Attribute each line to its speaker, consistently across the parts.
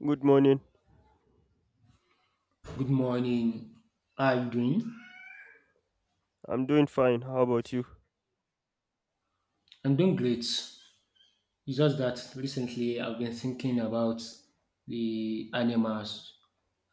Speaker 1: Good morning.
Speaker 2: Good morning. How are you doing?
Speaker 1: I'm doing fine. How about you?
Speaker 2: I'm doing great. It's just that recently I've been thinking about the animals.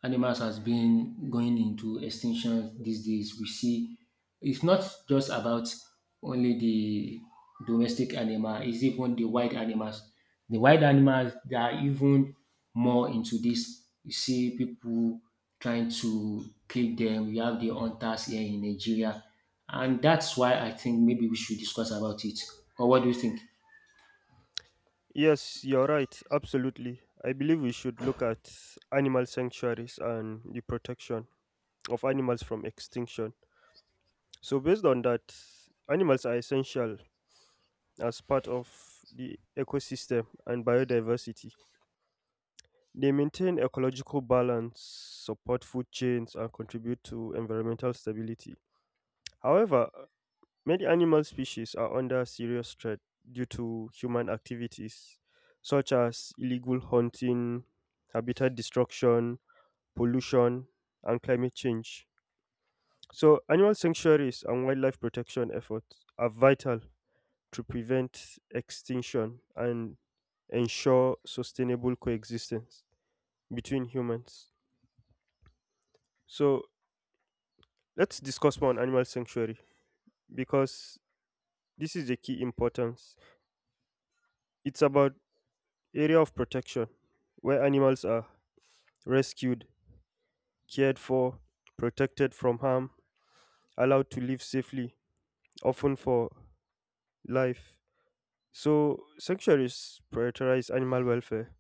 Speaker 2: Animals has been going into extinction these days. We see it's not just about only the domestic animal, it's even the wild animals. The wild animals they are even more into this. You see people trying to kill them. We have the hunters here in Nigeria. And that's why I think maybe we should discuss about it. Or what do you think?
Speaker 1: Yes, you're right. Absolutely. I believe we should look at animal sanctuaries and the protection of animals from extinction. So, based on that, animals are essential as part of the ecosystem and biodiversity. They maintain ecological balance, support food chains, and contribute to environmental stability. However, many animal species are under serious threat due to human activities such as illegal hunting, habitat destruction, pollution, and climate change. So, animal sanctuaries and wildlife protection efforts are vital to prevent extinction and ensure sustainable coexistence between humans. So, let's discuss more on animal sanctuary because this is the key importance. It's about area of protection, where animals are rescued, cared for, protected from harm, allowed to live safely, often for life. So, sanctuaries prioritize animal welfare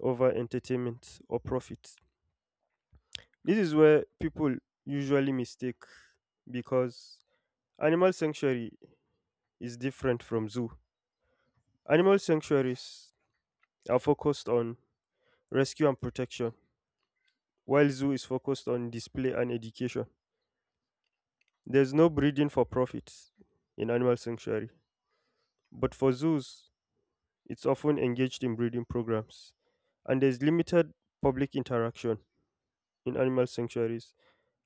Speaker 1: over entertainment or profit. This is where people usually mistake because animal sanctuary is different from zoo. Animal sanctuaries are focused on rescue and protection, while zoo is focused on display and education. There's no breeding for profit in animal sanctuary, but for zoos, it's often engaged in breeding programs. And there's limited public interaction in animal sanctuaries.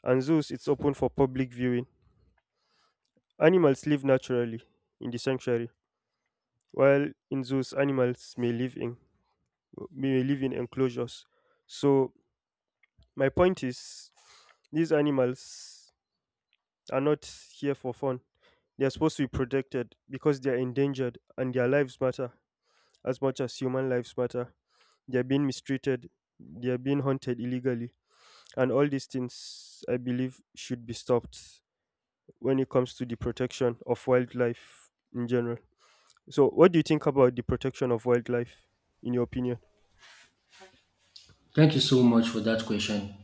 Speaker 1: And zoos, it's open for public viewing. Animals live naturally in the sanctuary, while in zoos, animals may live in enclosures. So my point is, these animals are not here for fun. They are supposed to be protected because they are endangered and their lives matter. As much as human lives matter, they are being mistreated, they are being hunted illegally. And all these things, I believe, should be stopped when it comes to the protection of wildlife in general. So, what do you think about the protection of wildlife, in your opinion?
Speaker 2: Thank you so much for that question.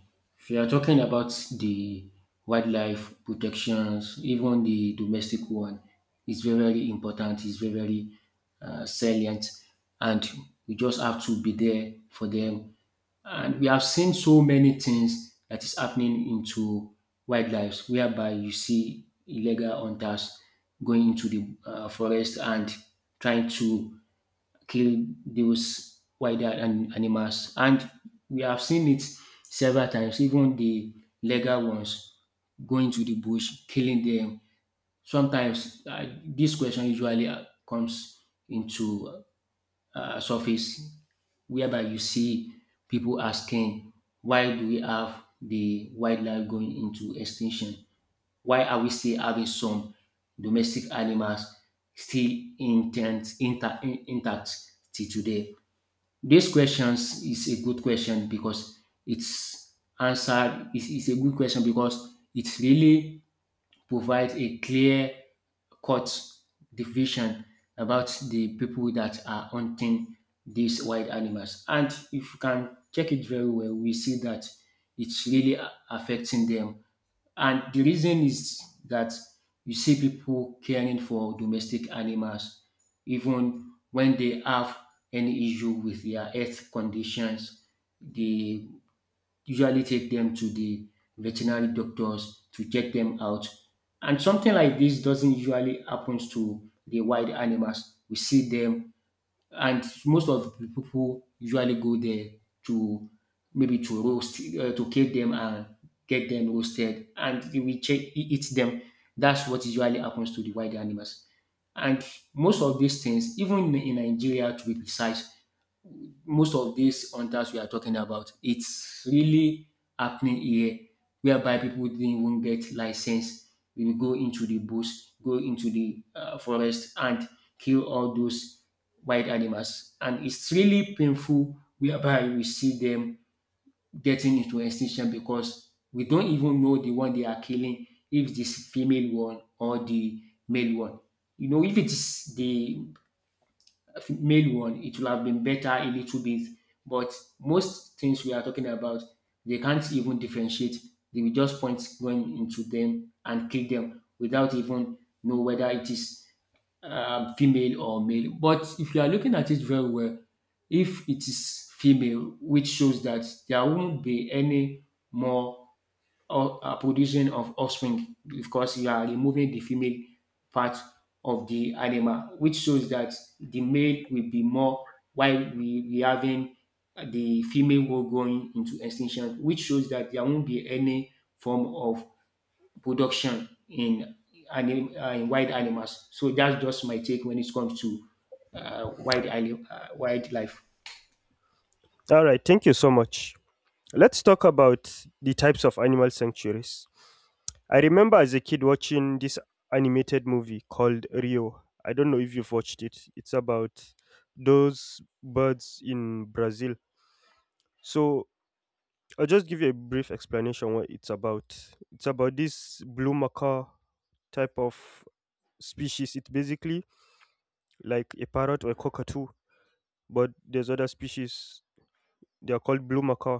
Speaker 2: We are talking about the wildlife protections, even the domestic one. It's very, very important. It's very, very salient, and we just have to be there for them. And we have seen so many things that is happening into wildlife, whereby you see illegal hunters going into the forest and trying to kill those animals. And we have seen it several times, even the legal ones going to the bush, killing them. Sometimes this question usually comes into surface whereby you see people asking, why do we have the wildlife going into extinction? Why are we still having some domestic animals still intact till today? This questions is a good question because it's answered is a good question because it really provides a clear cut division about the people that are hunting these wild animals. And if you can check it very well, we see that it's really affecting them and the reason is that you see people caring for domestic animals even when they have any issue with their health conditions. They usually take them to the veterinary doctors to check them out. And something like this doesn't usually happen to the wild animals. We see them and most of the people usually go there to maybe to roast, to kill them and get them roasted, and they will eat them. That's what usually happens to the wild animals. And most of these things, even in Nigeria, to be precise, most of these hunters we are talking about, it's really happening here, whereby people didn't even get license. We will go into the bush, go into the forest, and kill all those wild animals. And it's really painful whereby we see them getting into extinction because we don't even know the one they are killing, if it's female one or the male one. You know, if it is the male one, it will have been better a little bit. But most things we are talking about, they can't even differentiate. They will just point going into them and kill them without even know whether it is female or male. But if you are looking at it very well, if it is female, which shows that there won't be any more or producing of offspring because you are removing the female part of the animal, which shows that the male will be more while we having the female will going into extinction, which shows that there won't be any form of production in in wild animals. So that's just my take when it comes to wildlife.
Speaker 1: All right, thank you so much. Let's talk about the types of animal sanctuaries. I remember as a kid watching this animated movie called Rio. I don't know if you've watched it. It's about those birds in Brazil. So I'll just give you a brief explanation what it's about. It's about this blue macaw type of species. It's basically like a parrot or a cockatoo, but there's other species. They are called blue macaw.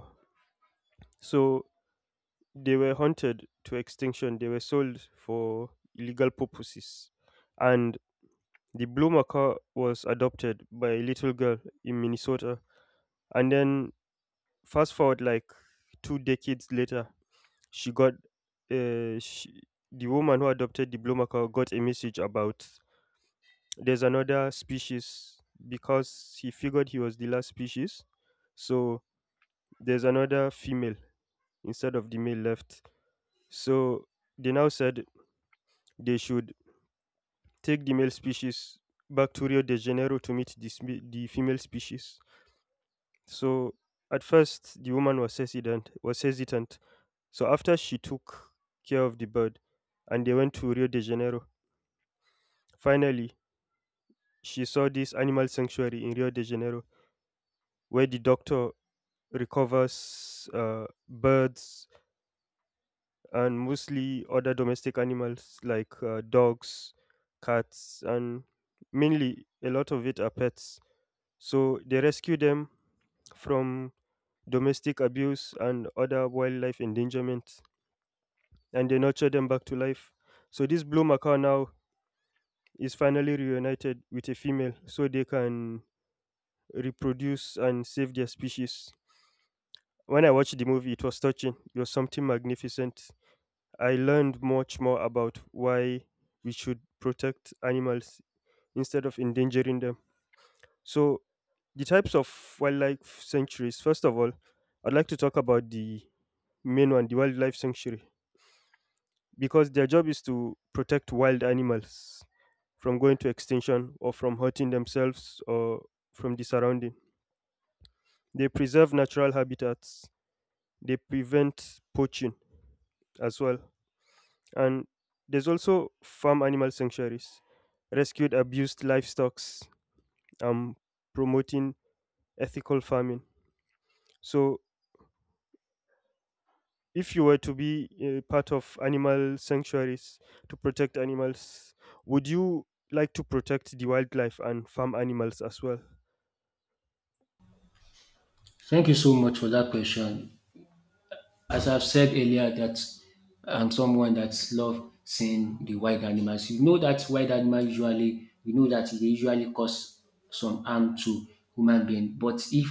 Speaker 1: So they were hunted to extinction. They were sold for illegal purposes, and the blue macaw was adopted by a little girl in Minnesota. And then fast forward like 2 decades later, she got uh, she, the woman who adopted the blue macaw got a message about there's another species because he figured he was the last species. So there's another female instead of the male left. So they now said they should take the male species back to Rio de Janeiro to meet the female species. So at first the woman was hesitant. So after she took care of the bird and they went to Rio de Janeiro, finally, she saw this animal sanctuary in Rio de Janeiro where the doctor recovers birds and mostly other domestic animals like dogs, cats, and mainly a lot of it are pets. So they rescue them from domestic abuse and other wildlife endangerment and they nurture them back to life. So this blue macaw now is finally reunited with a female so they can reproduce and save their species. When I watched the movie, it was touching. It was something magnificent. I learned much more about why we should protect animals instead of endangering them. So, the types of wildlife sanctuaries, first of all, I'd like to talk about the main one, the wildlife sanctuary, because their job is to protect wild animals from going to extinction or from hurting themselves or from the surrounding. They preserve natural habitats, they prevent poaching as well. And there's also farm animal sanctuaries, rescued abused livestock, and promoting ethical farming. So, if you were to be a part of animal sanctuaries to protect animals, would you like to protect the wildlife and farm animals as well?
Speaker 2: Thank you so much for that question. As I've said earlier that I'm someone that love seeing the wild animals. You know that wild animal usually, we know that they usually cause some harm to human being. But if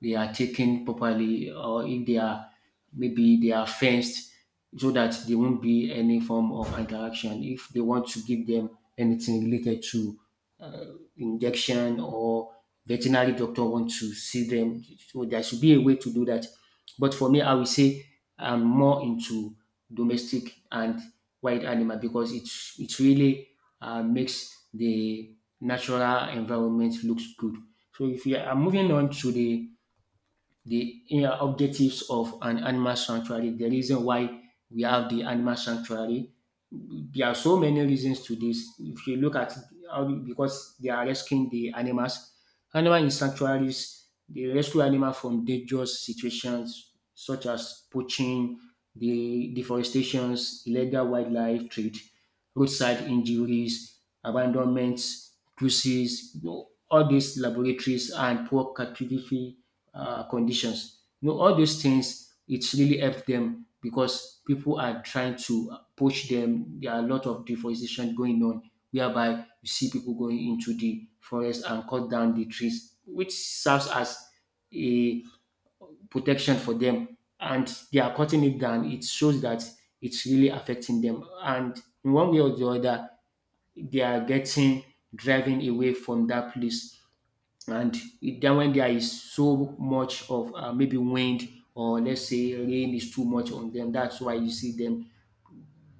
Speaker 2: they are taken properly or if they are maybe they are fenced so that there won't be any form of interaction. If they want to give them anything related to injection or veterinary doctor want to see them. So there should be a way to do that. But for me, I will say I'm more into domestic and wild animal because it really makes the natural environment looks good. So if you are moving on to the you objectives of an animal sanctuary, the reason why we have the animal sanctuary there are so many reasons to this. If you look at how because they are rescuing the animals, animal in sanctuaries, they rescue animal from dangerous situations such as poaching, the deforestations, illegal wildlife trade roadside injuries, abandonments, bruises, you know, all these laboratories and poor cartography conditions. You know, all those things, it's really helped them because people are trying to poach them. There are a lot of deforestation going on, whereby you see people going into the forest and cut down the trees, which serves as a protection for them and they are cutting it down, it shows that it's really affecting them. And in one way or the other, they are getting driving away from that place. And it- then when there is so much of maybe wind or let's say rain is too much on them, that's why you see them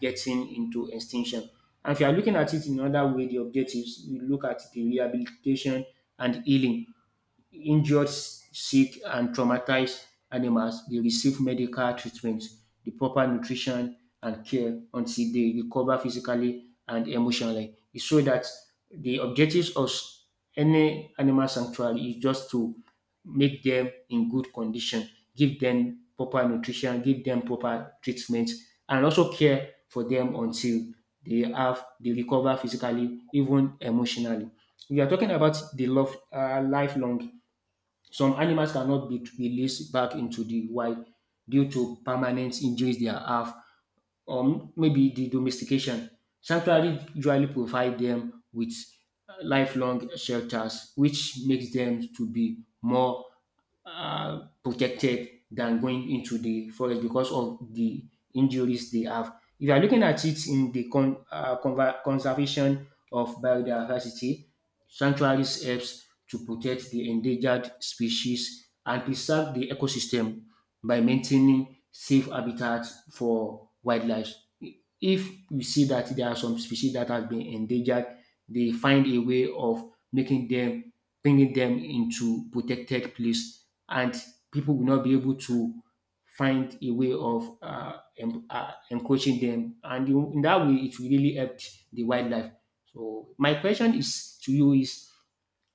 Speaker 2: getting into extinction. And if you are looking at it in another way, the objectives, you look at the rehabilitation and healing injured, sick, and traumatized animals they receive medical treatment, the proper nutrition and care until they recover physically and emotionally. It's So that the objectives of any animal sanctuary is just to make them in good condition, give them proper nutrition, give them proper treatment, and also care for them until they recover physically, even emotionally. We are talking about the love lifelong some animals cannot be released back into the wild due to permanent injuries they have or maybe the domestication. Sanctuary usually provide them with lifelong shelters, which makes them to be more protected than going into the forest because of the injuries they have. If you are looking at it in the conservation of biodiversity, sanctuaries helps to protect the endangered species and preserve the ecosystem by maintaining safe habitats for wildlife. If you see that there are some species that have been endangered, they find a way of making them, bringing them into protected place and people will not be able to find a way of encroaching them. And in that way, it will really help the wildlife. So my question is to you is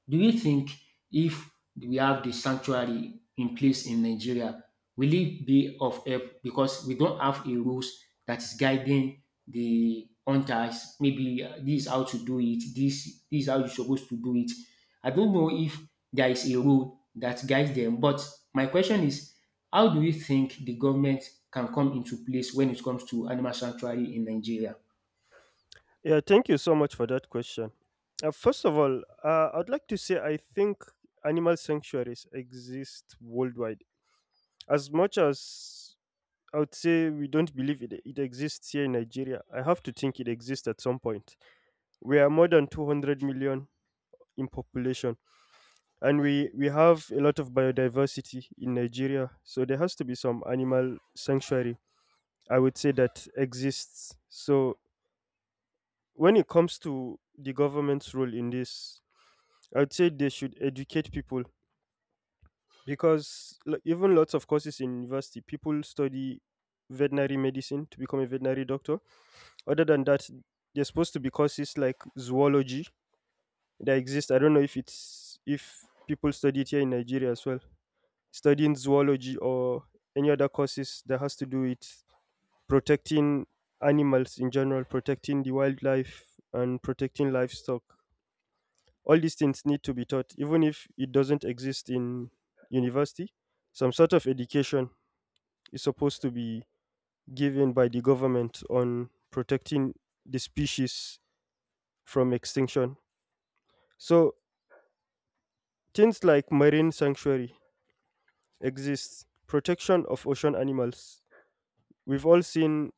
Speaker 2: do you think if we have the sanctuary in place in Nigeria, will it be of help because we don't have a rules that is guiding the hunters? Maybe this is how to do it. This is how you're supposed to do it. I don't know if there is a rule that guides them. But my question is, how do you think the government can come into place when it comes to animal sanctuary in Nigeria?
Speaker 1: Yeah, thank you so much for that question. First of all, I'd like to say I think animal sanctuaries exist worldwide. As much as I would say we don't believe it, it exists here in Nigeria, I have to think it exists at some point. We are more than 200 million in population, and we have a lot of biodiversity in Nigeria. So there has to be some animal sanctuary, I would say, that exists. So when it comes to the government's role in this, I would say they should educate people because even lots of courses in university, people study veterinary medicine to become a veterinary doctor. Other than that, there's supposed to be courses like zoology that exist. I don't know if people study it here in Nigeria as well. Studying zoology or any other courses that has to do with protecting animals in general, protecting the wildlife and protecting livestock. All these things need to be taught, even if it doesn't exist in university. Some sort of education is supposed to be given by the government on protecting the species from extinction. So things like marine sanctuary exists, protection of ocean animals. We've all seen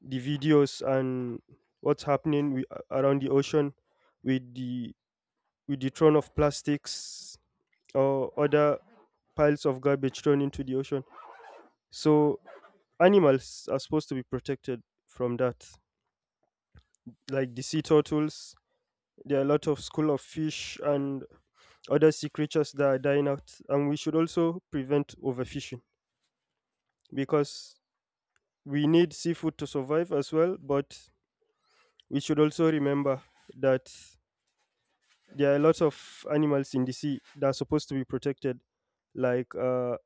Speaker 1: the videos and what's happening around the ocean with the with the thrown of plastics or other piles of garbage thrown into the ocean. So animals are supposed to be protected from that, like the sea turtles. There are a lot of school of fish and other sea creatures that are dying out, and we should also prevent overfishing because we need seafood to survive as well, but we should also remember that there are lots of animals in the sea that are supposed to be protected. Like,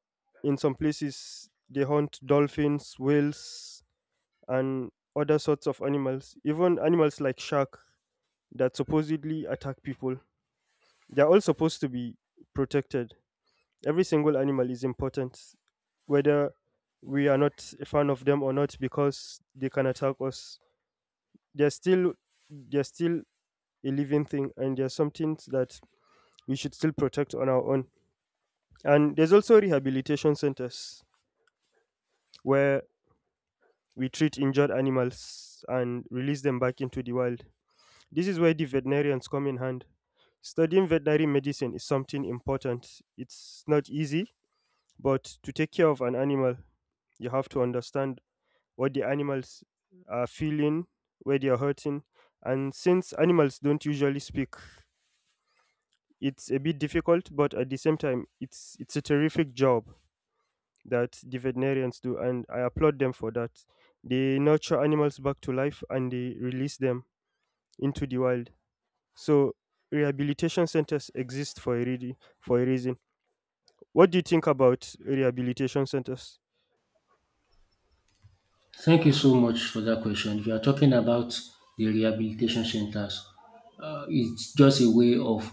Speaker 1: in some places, they hunt dolphins, whales, and other sorts of animals. Even animals like shark that supposedly attack people. They are all supposed to be protected. Every single animal is important, whether we are not a fan of them or not, because they can attack us, they're still they're still a living thing and there's are something that we should still protect on our own. And there's also rehabilitation centers where we treat injured animals and release them back into the wild. This is where the veterinarians come in hand. Studying veterinary medicine is something important. It's not easy, but to take care of an animal you have to understand what the animals are feeling, where they are hurting, and since animals don't usually speak, it's a bit difficult, but at the same time, it's a terrific job that the veterinarians do, and I applaud them for that. They nurture animals back to life and they release them into the wild. So rehabilitation centers exist for a reason. What do you think about rehabilitation centers?
Speaker 2: Thank you so much for that question. If you are talking about the rehabilitation centers, it's just a way of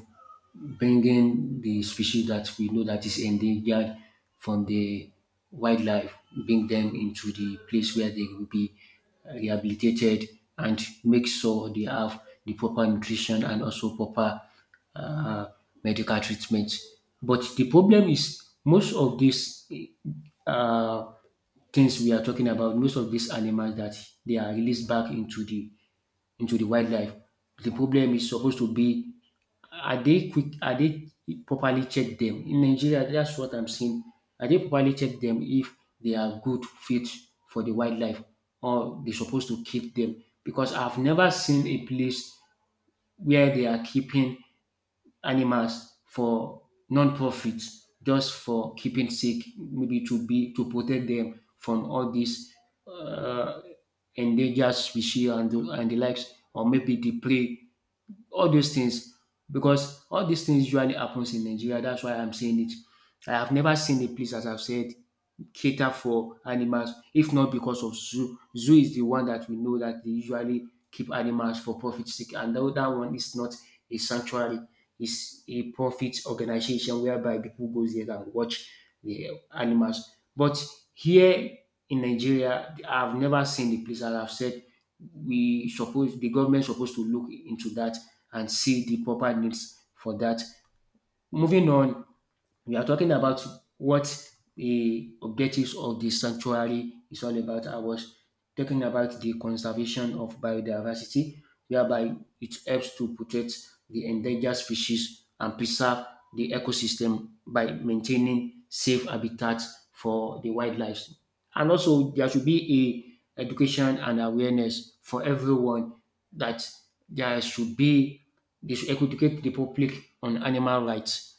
Speaker 2: bringing the species that we know that is endangered from the wildlife, bring them into the place where they will be rehabilitated and make sure they have the proper nutrition and also proper uh, medical treatment. But the problem is most of these uh, things we are talking about, most of these animals that they are released back into the wildlife. The problem is supposed to be are they properly check them? In Nigeria, that's what I'm seeing. Are they properly check them if they are good fit for the wildlife or they supposed to keep them? Because I've never seen a place where they are keeping animals for non-profit just for keeping sake maybe to be to protect them from all these uh, endangered species and the likes or maybe the prey all those things because all these things usually happens in Nigeria. That's why I'm saying it. I have never seen a place, as I've said, cater for animals, if not because of zoo. Zoo is the one that we know that they usually keep animals for profit sake, and that one is not a sanctuary. It's a profit organization whereby people goes there and watch the animals. But here in Nigeria, I've never seen the place, as I've said, we suppose the government supposed to look into that and see the proper needs for that. Moving on, we are talking about what the objectives of the sanctuary is all about. I was talking about the conservation of biodiversity, whereby it helps to protect the endangered species and preserve the ecosystem by maintaining safe habitats for the wildlife. And also, there should be a education and awareness for everyone that there should be they should educate the public on animal rights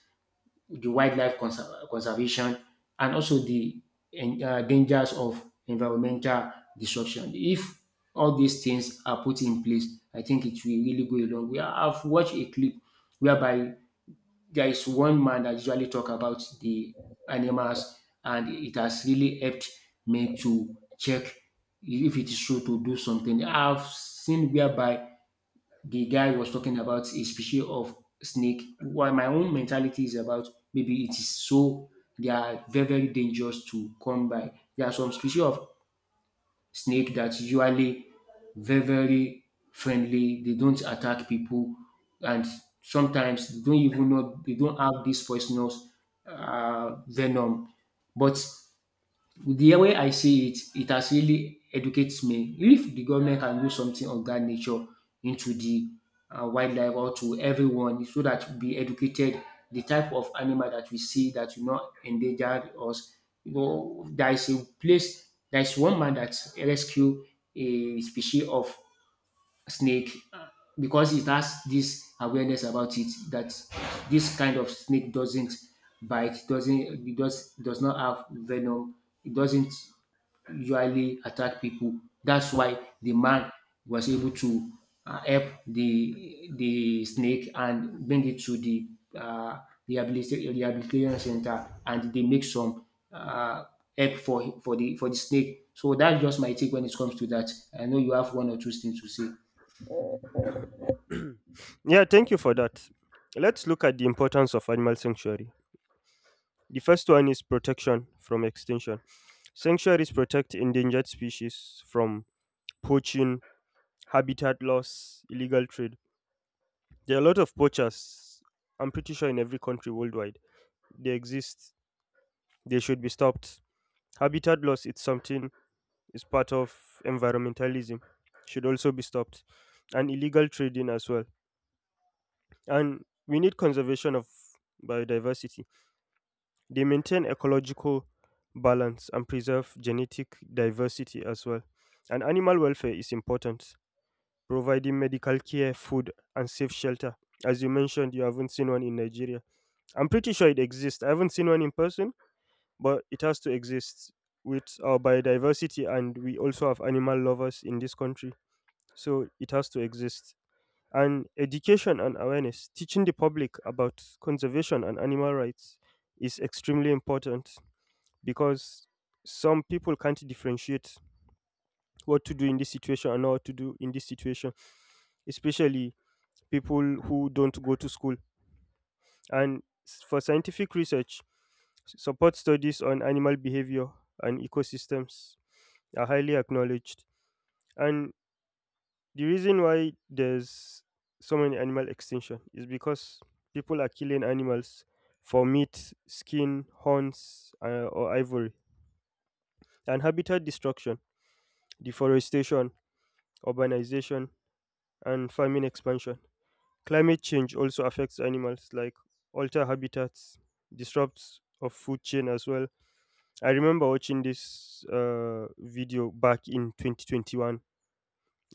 Speaker 2: the wildlife conservation, and also the dangers of environmental destruction. If all these things are put in place, I think it will really go a long way. I've watched a clip whereby there is one man that usually talk about the animals, and it has really helped me to check if it is true to do something. I've seen whereby the guy was talking about a species of snake. While my own mentality is about maybe it is so they are very very dangerous to come by. There are some species of snake that usually very very friendly. They don't attack people, and sometimes they don't even know they don't have this poisonous venom. But the way I see it, it has really educates me. If the government can do something of that nature into the wildlife or to everyone, so that be educated, the type of animal that we see that will not endanger us. You know, there is a place, there is one man that rescued a species of snake because it has this awareness about it that this kind of snake doesn't bite, doesn't it does not have venom, it doesn't usually attack people. That's why the man was able to help the snake and bring it to the uh rehabilitation center and they make some uh help for the snake. So that's just my take when it comes to that. I know you have one or two things to say.
Speaker 1: Yeah, thank you for that. Let's look at the importance of animal sanctuary. The first one is protection from extinction. Sanctuaries protect endangered species from poaching, habitat loss, illegal trade. There are a lot of poachers. I'm pretty sure in every country worldwide they exist. They should be stopped. Habitat loss, it's something, it's part of environmentalism. Should also be stopped. And illegal trading as well. And we need conservation of biodiversity. They maintain ecological balance and preserve genetic diversity as well. And animal welfare is important, providing medical care, food, and safe shelter. As you mentioned, you haven't seen one in Nigeria. I'm pretty sure it exists. I haven't seen one in person, but it has to exist with our biodiversity, and we also have animal lovers in this country. So it has to exist. And education and awareness, teaching the public about conservation and animal rights is extremely important because some people can't differentiate what to do in this situation and not what to do in this situation, especially people who don't go to school. And for scientific research, support studies on animal behavior and ecosystems are highly acknowledged. And the reason why there's so many animal extinction is because people are killing animals for meat, skin, horns, or ivory. And habitat destruction, deforestation, urbanization, and farming expansion. Climate change also affects animals, like alter habitats, disrupts of food chain as well. I remember watching this video back in 2021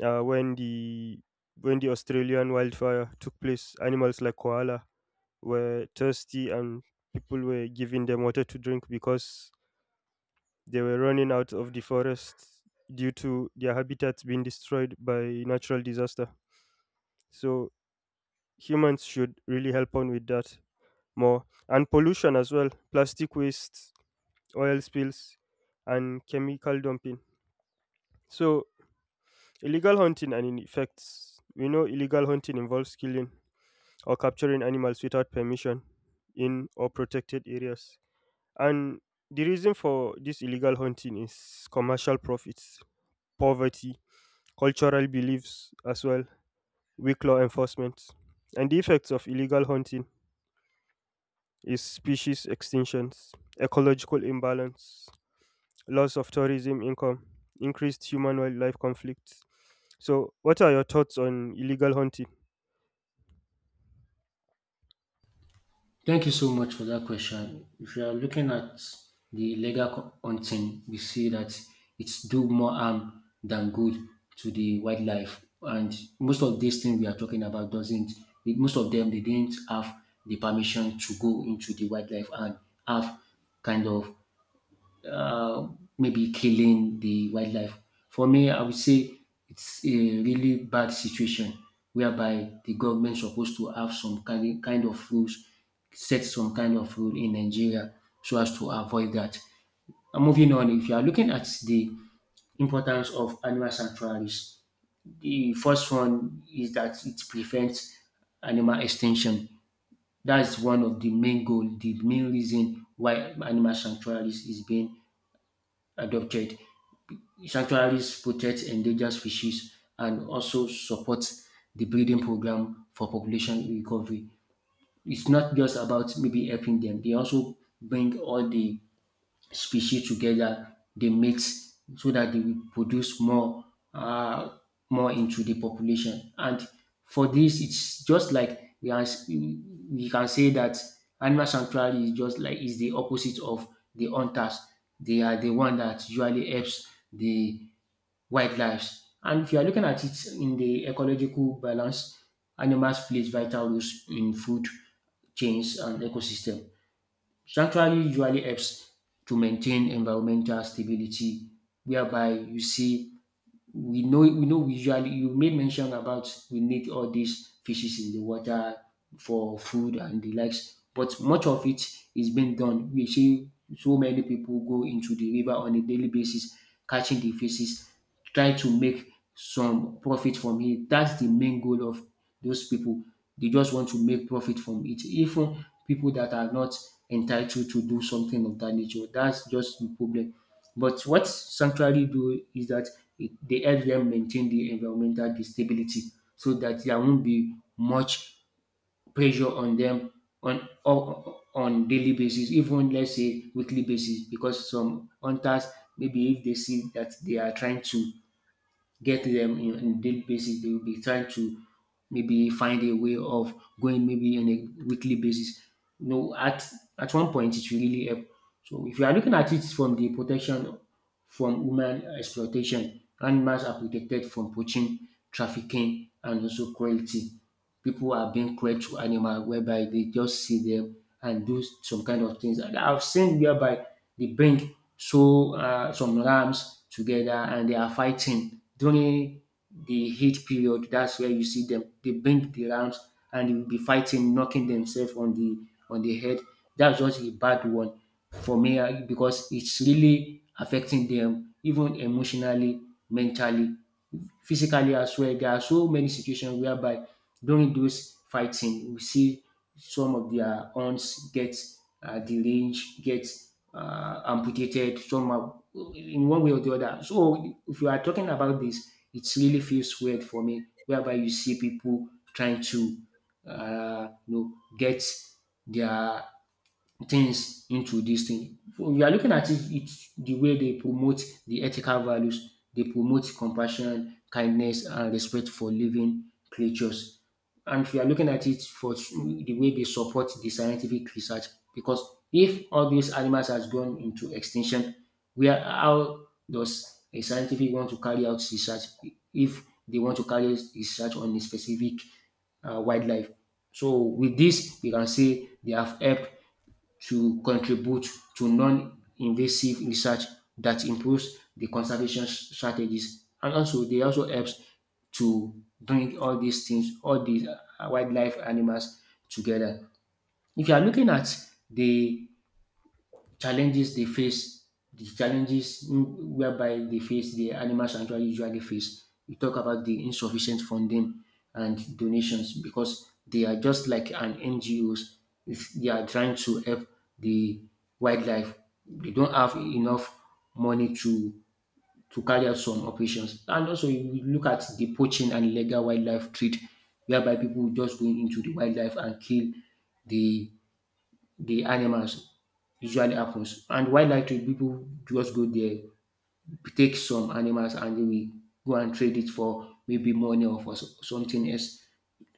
Speaker 1: when the Australian wildfire took place. Animals like koala were thirsty, and people were giving them water to drink because they were running out of the forest due to their habitats being destroyed by natural disaster. So humans should really help on with that more. And pollution as well, plastic waste, oil spills, and chemical dumping. So, illegal hunting and its effects. We know illegal hunting involves killing or capturing animals without permission in or protected areas. And the reason for this illegal hunting is commercial profits, poverty, cultural beliefs as well, weak law enforcement. And the effects of illegal hunting is species extinctions, ecological imbalance, loss of tourism income, increased human wildlife conflicts. So, what are your thoughts on illegal hunting?
Speaker 2: Thank you so much for that question. If you are looking at the legal co- hunting, we see that it's do more harm than good to the wildlife. And most of these things we are talking about doesn't, most of them, they didn't have the permission to go into the wildlife and have kind of uh, maybe killing the wildlife. For me, I would say it's a really bad situation whereby the government supposed to have some kind of rules, set some kind of rule in Nigeria so as to avoid that. And moving on, if you are looking at the importance of animal sanctuaries. The first one is that it prevents animal extinction. That's one of the main goal, the main reason why animal sanctuaries is being adopted. Sanctuaries protect endangered species and also support the breeding program for population recovery. It's not just about maybe helping them, they also bring all the species together, they mix so that they will produce more uh, more into the population. And for this, it's just like we are we can say that animal sanctuary is just like is the opposite of the hunters. They are the one that usually helps the wildlife. And if you are looking at it in the ecological balance, animals plays vital roles in food chains and ecosystem. Sanctuary usually helps to maintain environmental stability whereby you see we know we usually you made mention about we need all these fishes in the water for food and the likes, but much of it is being done. We see so many people go into the river on a daily basis catching the fishes, try to make some profit from it. That's the main goal of those people. They just want to make profit from it. Even people that are not entitled to do something of that nature, that's just the problem. But what sanctuary do is that it, they help them maintain the environmental stability so that there won't be much pressure on them on on daily basis, even let's say weekly basis, because some hunters maybe if they see that they are trying to get them in daily basis, they will be trying to maybe find a way of going maybe on a weekly basis. You know, at one point it will really help so if you are looking at it from the protection from human exploitation, animals are protected from poaching, trafficking, and also cruelty. People are being cruel to animals whereby they just see them and do some kind of things. And I've seen whereby they bring so some rams together and they are fighting during the heat period. That's where you see them. They bring the rounds and they will be fighting, knocking themselves on the head. That's just a bad one for me because it's really affecting them, even emotionally, mentally physically as well. There are so many situations whereby during those fighting, we see some of their arms get deranged, get amputated somehow in one way or the other. So if you are talking about this, it really feels weird for me, whereby you see people trying to, uh, you know, get their things into this thing. So you are looking at it, it's the way they promote the ethical values. They promote compassion, kindness, and respect for living creatures. And if you are looking at it for the way they support the scientific research, because if all these animals has gone into extinction, where how does a scientific want to carry out research if they want to carry out research on a specific wildlife? So with this, we can say they have helped to contribute to non-invasive research that improves the conservation s- strategies. And also, they also helps to bring all these things, all these wildlife animals together. If you are looking at the challenges they face, the challenges whereby they face, the animal sanctuary usually face. We talk about the insufficient funding and donations because they are just like an NGOs. If they are trying to help the wildlife. They don't have enough money to carry out some operations. And also, you look at the poaching and illegal wildlife trade, whereby people just going into the wildlife and kill the the animals usually happens. And wildlife trade, people just go there, take some animals and they will go and trade it for maybe money or for so- something else.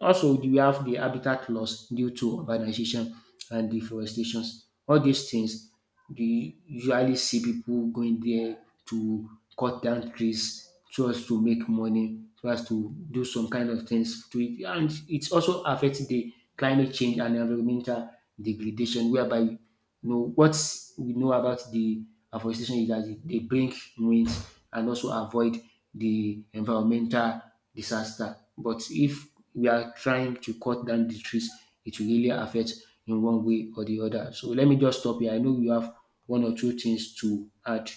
Speaker 2: Also, we have the habitat loss due to urbanization and deforestations. All these things, you usually see people going there to cut down trees so as to make money, so as to do some kind of things to it. And it also affects the climate change and environmental degradation, whereby you know what we know about the afforestation is that it- they bring winds and also avoid the environmental disaster. But if we are trying to cut down the trees, it will really affect in one way or the other. So let me just stop here. I know you have one or two things to add.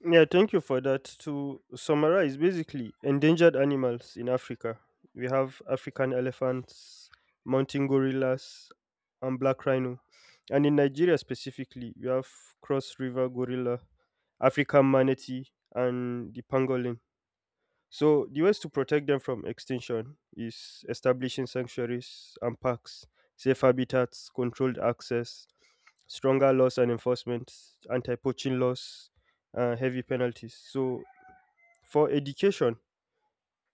Speaker 1: Yeah, thank you for that. To summarize, basically, endangered animals in Africa. We have African elephants, mountain gorillas, and black rhino. And in Nigeria specifically, we have cross river gorilla, African manatee, and the pangolin. So the ways to protect them from extinction is establishing sanctuaries and parks, safe habitats, controlled access, stronger laws and enforcement, anti-poaching laws, heavy penalties. So for education,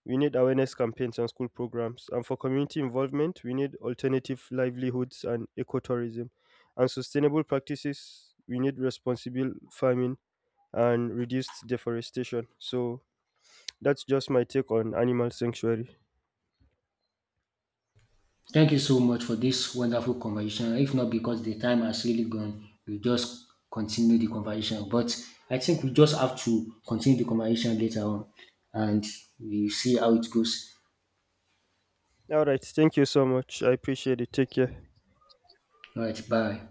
Speaker 1: we need awareness campaigns and school programs, and for community involvement, we need alternative livelihoods and ecotourism, and sustainable practices. We need responsible farming and reduced deforestation. So that's just my take on animal sanctuary.
Speaker 2: Thank you so much for this wonderful conversation. If not because the time has really gone, we just continue the conversation. But I think we just have to continue the conversation later on and we see how it goes.
Speaker 1: Alright, thank you so much. I appreciate it. Take care.
Speaker 2: All right, bye.